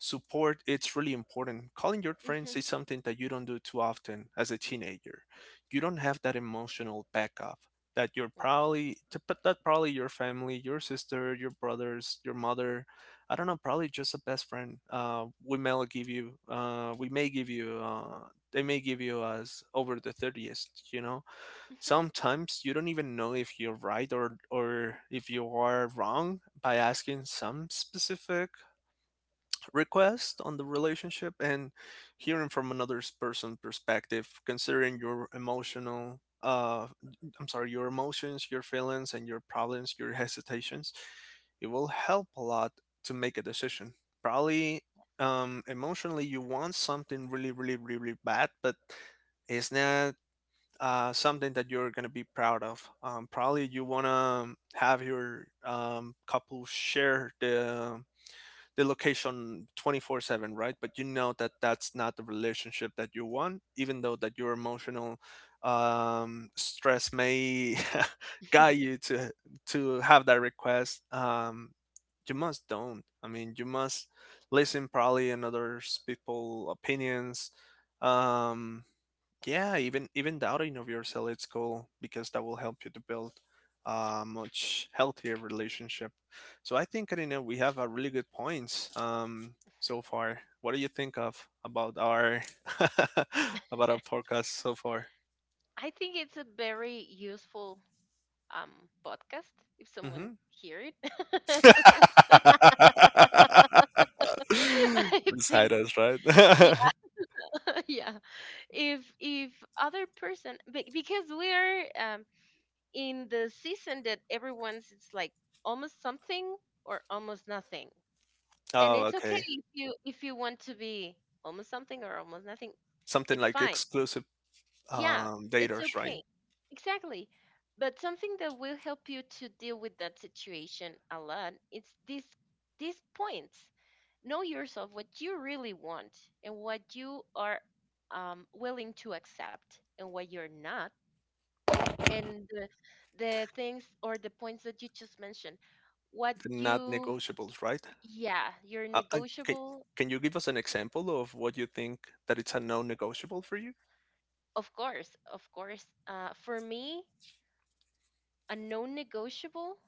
support, it's really important. Calling your friends mhm, is something that you don't do too often as a teenager. You don't have that emotional backup that you're mhm, probably to put that probably your family, your sister, your brothers, your mother, I don't know, probably just a best friend. Uh, we may give you, uh, we may give you, uh, they may give you as over the thirtieth. You know, mhm. <laughs> sometimes you don't even know if you're right or or if you are wrong by asking some specific request on the relationship and hearing from another person's perspective considering your emotional, uh I'm sorry, your emotions, your feelings, and your problems, your <laughs> hesitations, it will help a lot to make a decision, probably. Um emotionally, you want something really, really, really bad, but it's not uh, something that you're gonna be proud of. Um, probably you wanna have your um, couple share the the location twenty-four seven, right? But you know that that's not the relationship that you want, even though that your emotional um, stress may <laughs> guide you to to have that request. Um, you must don't. I mean, you must listen probably in others people opinions. Um, yeah, even even doubting of yourself, it's cool because that will help you to build a much healthier relationship. So I think, Karina, we have a really good points um so far. What do you think of about our <laughs> about our podcast so far? I think it's a very useful um podcast if someone Mm-hmm. hear it. <laughs> <laughs> I Beside think us, right? yeah, <laughs> yeah. If if other person be- because we're uh, in the season that everyone's it's like almost something or almost nothing, <laughs> and Oh, it's okay okay. if you if you want to be almost something or almost nothing, Something it's like fine. exclusive Yeah, um it's daters, right? okay, exactly. But something that will help you to deal with that situation a lot, it's these these points: know yourself, what you really want and what you are um, willing to accept and what you're not, and the, the things or the points that you just mentioned, what Not you... negotiables, right? Yeah, you're Uh, I, can, negotiable. can you give us an example of what you think that it's a non-negotiable for you? Of course, of course. Uh, for me, a non-negotiable,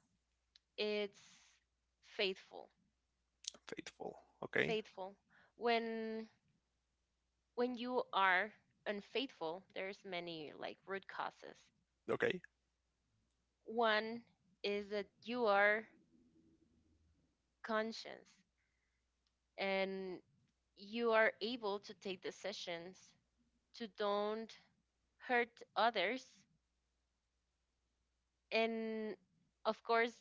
it's faithful. Faithful. Okay. Faithful. When when you are unfaithful, there's many like root causes. Okay. One is that you are conscious and you are able to take decisions to don't hurt others. And of course,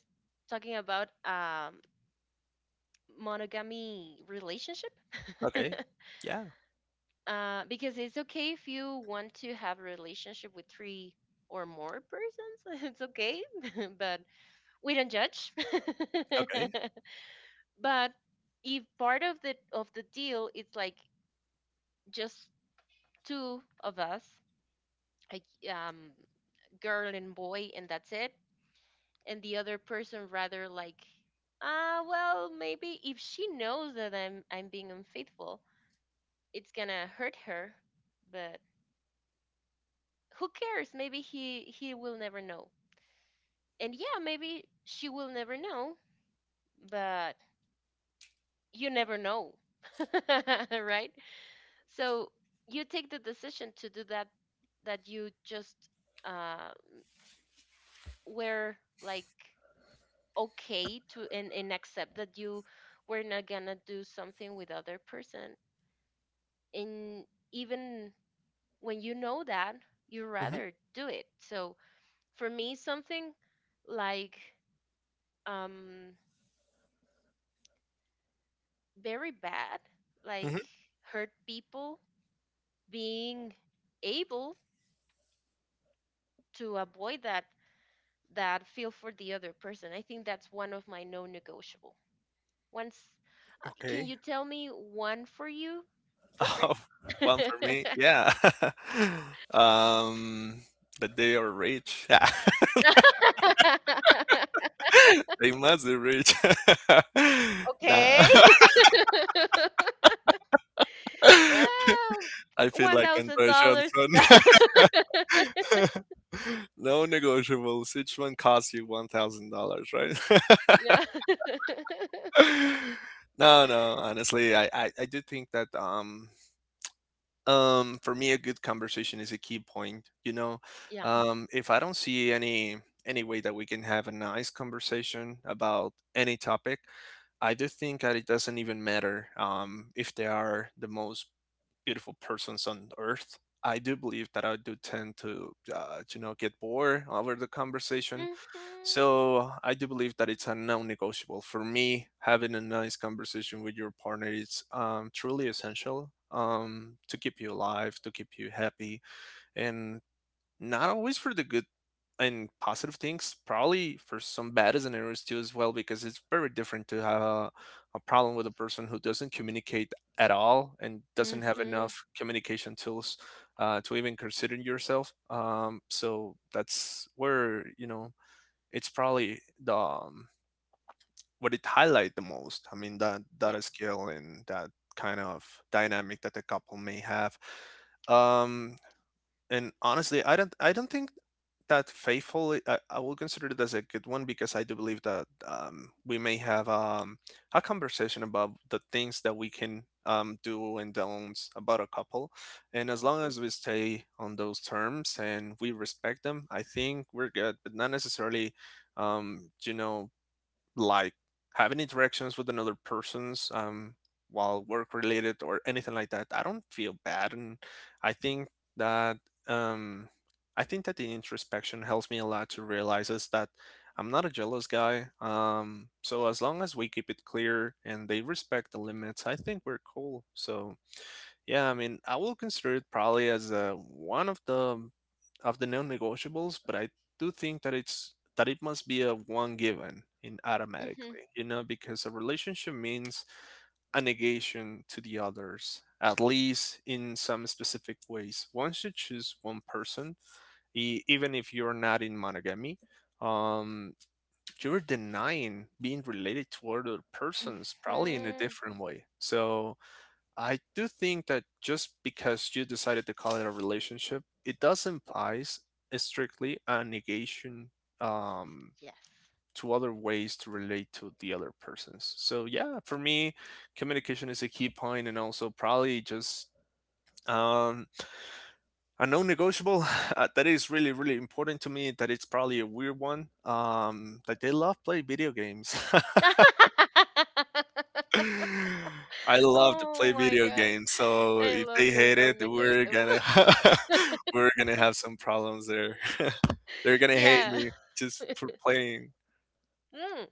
talking about um, monogamy relationship. <laughs> Okay. Yeah. Uh, because it's okay if you want to have a relationship with three or more persons, <laughs> it's okay. <laughs> But we don't judge. Okay. <laughs> But if part of the of the deal it's like just two of us, like um girl and boy, and that's it. And the other person rather like, ah, well, maybe if she knows that i'm i'm being unfaithful, it's gonna hurt her, but who cares? Maybe he he will never know. And yeah, maybe she will never know, but you never know. <laughs> Right? So you take the decision to do that, that you just uh were like, okay, to and, and accept that you were not gonna do something with other person. And even when you know that, you Hmm. rather do it. So for me, something like um very bad, like Hmm. hurt people, being able to avoid that, that feel for the other person, I think that's one of my non-negotiable once uh, can Okay. you <laughs> tell me one for you? Different? Oh, one for me. <laughs> Yeah. <laughs> um, that they are rich. <laughs> <laughs> They must be rich. <laughs> Nah. Okay. <laughs> <laughs> I Um, feel One like thousand Andre dollars. Johnson. <laughs> No negotiables. Each one costs you one thousand dollars, right? <laughs> Yeah. <laughs> <laughs> No, no. Honestly, I, I, I do think that um um for me a good conversation is a key point. You know, Yeah. um if I don't see any any way that we can have a nice conversation about any topic, I do think that it doesn't even matter um if they are the most beautiful persons on earth. I do believe that I do tend to uh, you know get bored over the conversation, Mhm. so I do believe that it's a non-negotiable for me. Having a nice conversation with your partner is um, truly essential, um, to keep you alive, to keep you happy, and not always for the good and positive things. Probably for some bad scenarios too, as well, because it's very different to have a, a problem with a person who doesn't communicate at all and doesn't have Mhm. enough communication tools uh, to even consider yourself. Um, so that's where, you know it's probably the um, what it highlight the most. I mean that Yeah. that skill and that kind of dynamic that the couple may have. Um, and honestly, i don't i don't think that faithful, i, I will consider it as a good one because I do believe that um, we may have um, a conversation about the things that we can um, do and don'ts about a couple, and as long Mhm. as we stay on those terms and we respect them, I think we're good, but not necessarily, um, you know like having interactions with another person's um while work related or anything like that, I don't feel bad. And i think that um i think that the introspection helps me a lot to realize is that I'm not a jealous guy, um so as long as we keep it clear and they respect the limits, I think we're cool. So yeah, I mean, I will consider it probably as uh, one of the of the non-negotiables, but I do think that it's that it must be a one given in Mhm. automatically, you know, because a relationship means a negation to the others, at least in some specific ways. Once you choose one person, e- even if you're not in monogamy, um, you're denying being related to other persons, probably in a Mhm. different way. So I do think that just because you decided to call it a relationship, it does implies strictly a negation, um, Yes. to other ways to relate to the other persons. So yeah, for me, communication is a key point, and also probably just um, a non-negotiable <sighs> <laughs> uh, that is really, really important to me. That it's probably a weird one. Um, that they love play video games. <laughs> <laughs> <laughs> I love to Oh play my video god. games, so I if love they your hate it, we're non-negotiable. gonna <laughs> <laughs> we're gonna have some problems there. <laughs> They're gonna hate Yeah. me just for playing Mm,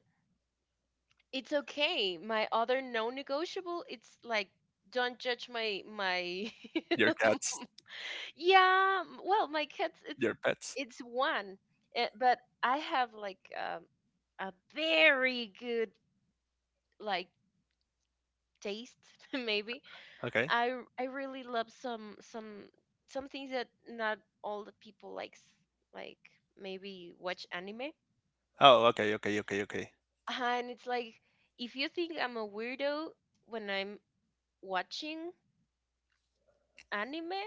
it's okay. My other non-negotiable, it's like don't judge my my your <laughs> cats, Yeah, m- well, my kids, it's your pets. it's one, eh, but I have like um, a very good like taste, <laughs> maybe. Okay. I r- I really love some some some things that not all the people likes, like maybe watch anime. Oh, okay, okay, okay, okay. And it's like, if you think I'm a weirdo when I'm watching anime,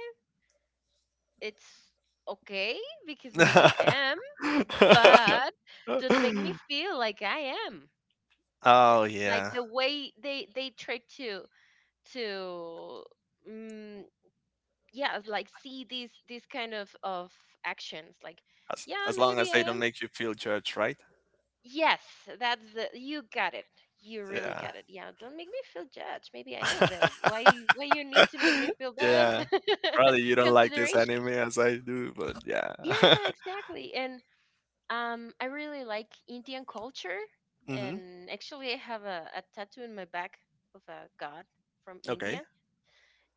it's okay because maybe I am, <laughs> but don't make me feel like I am. Oh Like yeah. the way they they try to to mm yeah, like see these these kind of of actions like As yeah, as long maybe as they I don't am. make you feel judged, right? Yes, that's the you got it. You really Yeah. got it. Yeah, don't make me feel judged. Maybe I am, but why why you need to make me <laughs> feel bad? Yeah. <laughs> Probably you don't like this Consideration. anime as I do, but yeah. Yeah, exactly. And Um, I really like Indian culture, <laughs> Hmm. and actually, I have a, a tattoo in my back of a god from Okay. India.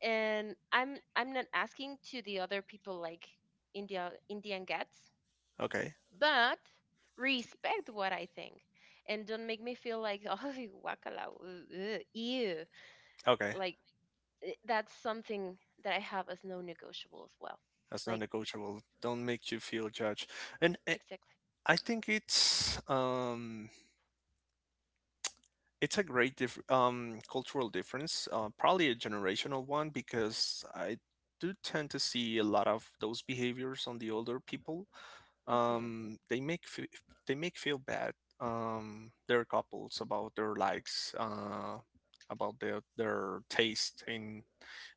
And I'm I'm not asking to the other people like India Indian gods, Okay. but respect what I think, and don't make me feel like <laughs> oh, wakala, uh, uh, ew. Okay. Like, eh, that's something that I have as no negotiable as well. That's not Like, negotiable. Don't make you feel judged. And I exactly. I think it's um it's a great diff- um cultural difference, uh, probably a generational one because I do tend to see a lot of those behaviors on the older people, Hmm. um, they make fe- they make feel bad, um, their couples about their likes, uh, about their their taste in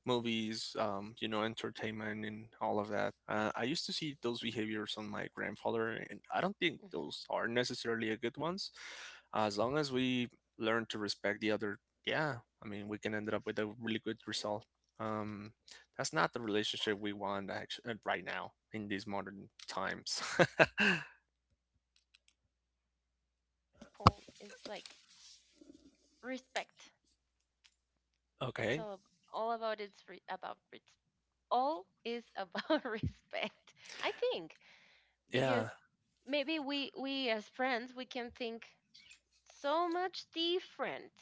movies, um, you know, entertainment, and all of that. Uh, I used to see those behaviors on my grandfather, and I don't think Hmm. those are necessarily a good ones. As long as we learn to respect the other, yeah, I mean, we can end up with a really good result. Um, that's not the relationship we want actually right now in these modern times. <laughs> Yeah, yeah, yeah. And, and you have a, a key point. It's like respect. It's Okay. all, all about it's re- about res- all is about <laughs> respect. I think because Yeah. maybe we we as friends we can think so much different.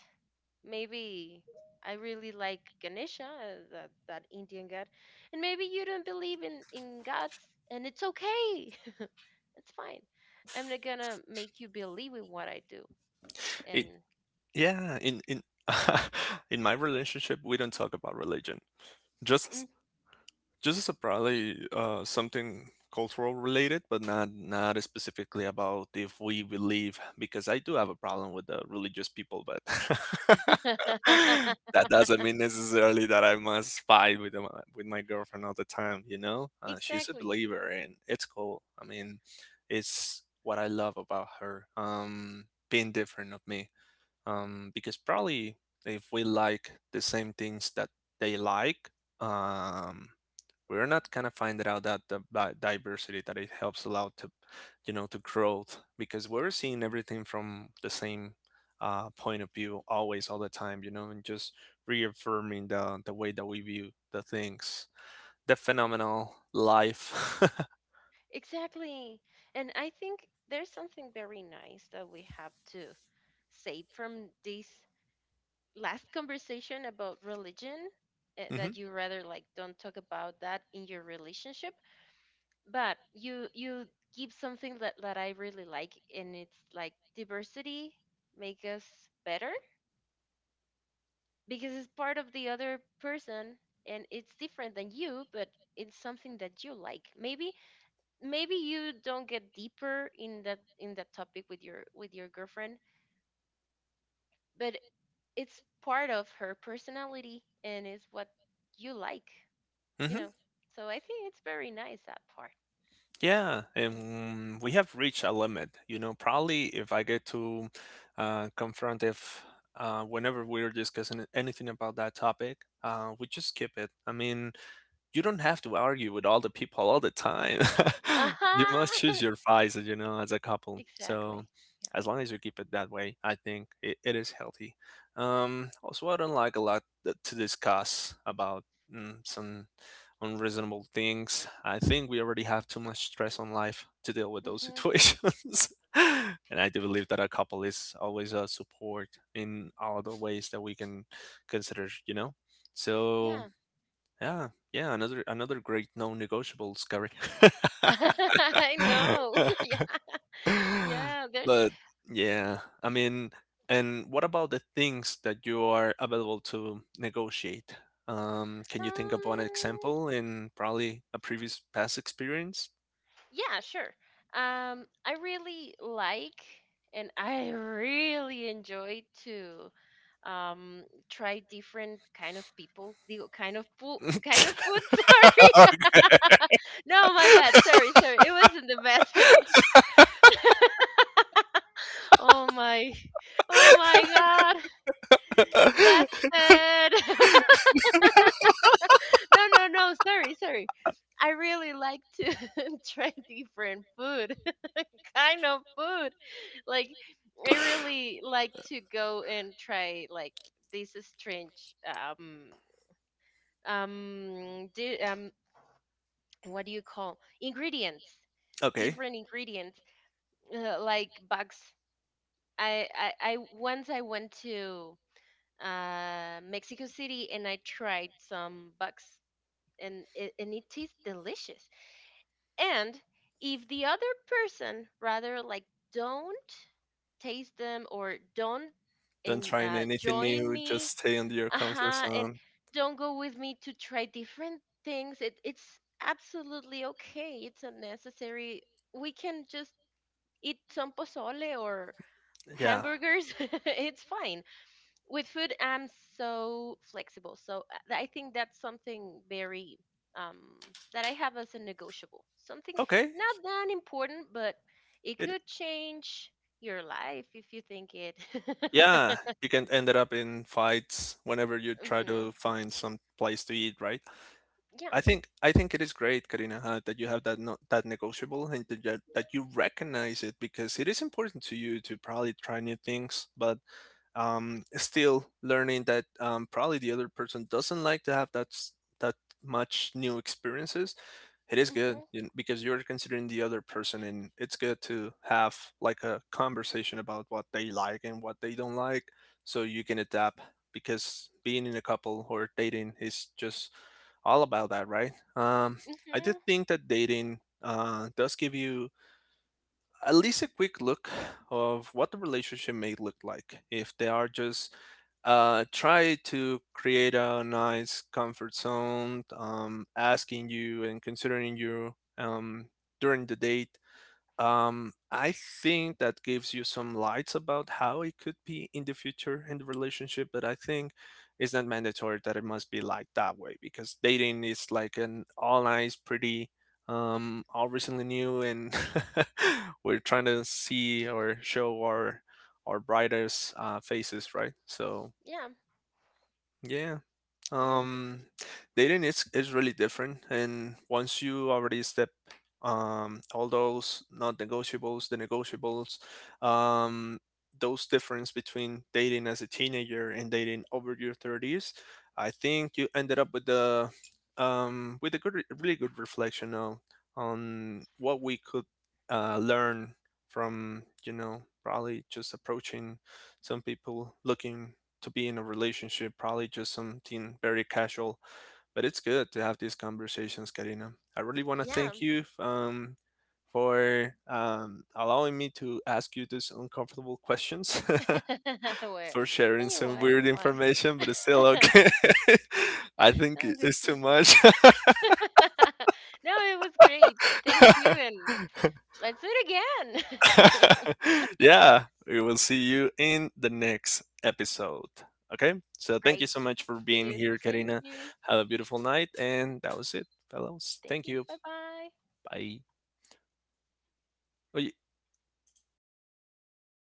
Maybe I really like Ganesha, uh, that that Indian god, and maybe you don't believe in in gods, and it's okay. <laughs> It's fine. I'm not gonna make you believe in what I do, It and. yeah, in in <laughs> in my relationship we don't talk about religion. Just Just as a probably uh, something cultural related, but not not specifically about if we believe, because I do have a problem with the religious people, but <laughs> <laughs> that doesn't mean necessarily that I must fight with my, with my girlfriend all the time. You know, uh, she's a Exactly. believer, and it's cool. I mean, it's what I love about her, um, being different of me, um, because probably if we like the same things that they like. Um, we're not kind of finding out that the bi- diversity that it helps a to you know to growth because we're seeing everything from the same uh, point of view, always all the time, you know and just reaffirming the the way that we view the things, the phenomenal life. Exactly. And I think there's something very nice that we have to save from this last conversation about religion, eh, <laughs> Hmm. that you rather like don't talk about that in your relationship, but you you give something that, that I really like, and it's like diversity make us better because it's part of the other person and it's different than you, but it's something that you like. Maybe maybe you don't get deeper in that in that topic with your with your girlfriend, but it's part of her personality, and is what you like, you Hmm. know. So I think it's very nice that part. Yeah, and we have reached a limit, you know probably if I get to uh, confront if uh, whenever we're discussing anything about that topic, uh, we just skip it. I mean, you don't have to argue with all the people all the time. <laughs> You must choose Uh-huh. your fights, you know, as a <laughs> couple. Exactly. So Yeah. as long as you keep it that way, I think it, it is healthy. Um, also, I don't like a lot that- to discuss about mm, some unreasonable things. I think we already have too much stress on life to deal with those Hmm. situations. <laughs> And I do believe that a couple is always a support in all the ways that we can consider, you know? So Yeah. yeah, yeah, another another great non negotiables, Gary. <laughs> I know. <laughs> Yeah. <laughs> Yeah, there's But yeah, I mean, and what about the things that you are available to negotiate? Um, can you think of an um example in probably a previous past experience? yeah, sure. um I really like and I really enjoy to um try different kind of people, the kind of food, kind of food. <laughs> Sorry, <laughs> no, my bad, sorry, sorry, it wasn't the message. <laughs> Oh my, oh my god, bastard. <laughs> No, no, no, sorry, sorry. I really like to <laughs> try different food, <laughs> kind of food. Like, I really like to go and try like this strange um um di- um what do you call ingredients, Okay, different ingredients, uh, like bugs. I, I i once I went to uh, Mexico City and I tried some bugs, and it, and it tastes delicious. And if the other person rather like don't taste them or don't, don't and try uh, anything join new, just me. stay under your comfort Uh-huh. And zone. don't go with me to try different things, it, it's absolutely okay, it's unnecessary. We can just eat some pozole or Yeah. hamburgers. <laughs> It's fine. With food, I'm so flexible. So uh, th- I think that's something very um that I have as a negotiable, something Okay. not that important, but it It could change your life if you think it. <laughs> Yeah, you can end up in fights whenever you try Hmm. to find some place to eat, right? Yeah. I think I think it is great, Karina, huh, that you have that no, that negotiable and that you that you recognize it because it is important to you to probably try new things. But um, still learning that, um, probably the other person doesn't like to have that s- that much new experiences. It is good, Hmm. you kn- because you're considering the other person, and it's good to have like a conversation about what they like and what they don't like, so you can adapt, because being in a couple or dating is just all about that, right? um, I did Hmm. think that dating uh, does give you at least a quick look of what the relationship may look like if they are just uh, try to create a nice comfort zone, um, asking you and considering you, um, during the date, um, I think that gives you some lights about how it could be in the future in the relationship. But I think it's not mandatory that it must be like that way because dating is like an all nice, pretty, um, all recently new, and <laughs> we're trying to see or show our our brightest uh, faces, right? So Yeah. yeah, Yes, yes, yes. um, dating is is really different, and once you already step um all those not negotiables, the negotiables, um, those difference between dating as a teenager and dating over your thirties, I think you ended up with the um with a good re- really good reflection on on what we could uh, learn from, you know probably just approaching some people looking to be in a relationship, probably just something very casual. But it's good to have these conversations, Karina. I really want to thank you, um, for um, allowing me to ask you these uncomfortable questions, Yeah. <laughs> <laughs> Where for when sharing you some want, it's weird fine. information, but it's still <laughs> okay. <laughs> I think No, thank it's you. too much. <laughs> No, it was great. Thank you, <laughs> and let's do it again. <laughs> Yeah, we will see you in the next episode. Okay, so <laughs> thank you Great. so much for See being you. here, Thank Karina. you. Have a beautiful night, and that was it, fellows. Thank Thank you. you. Bye bye. Bye. Oh,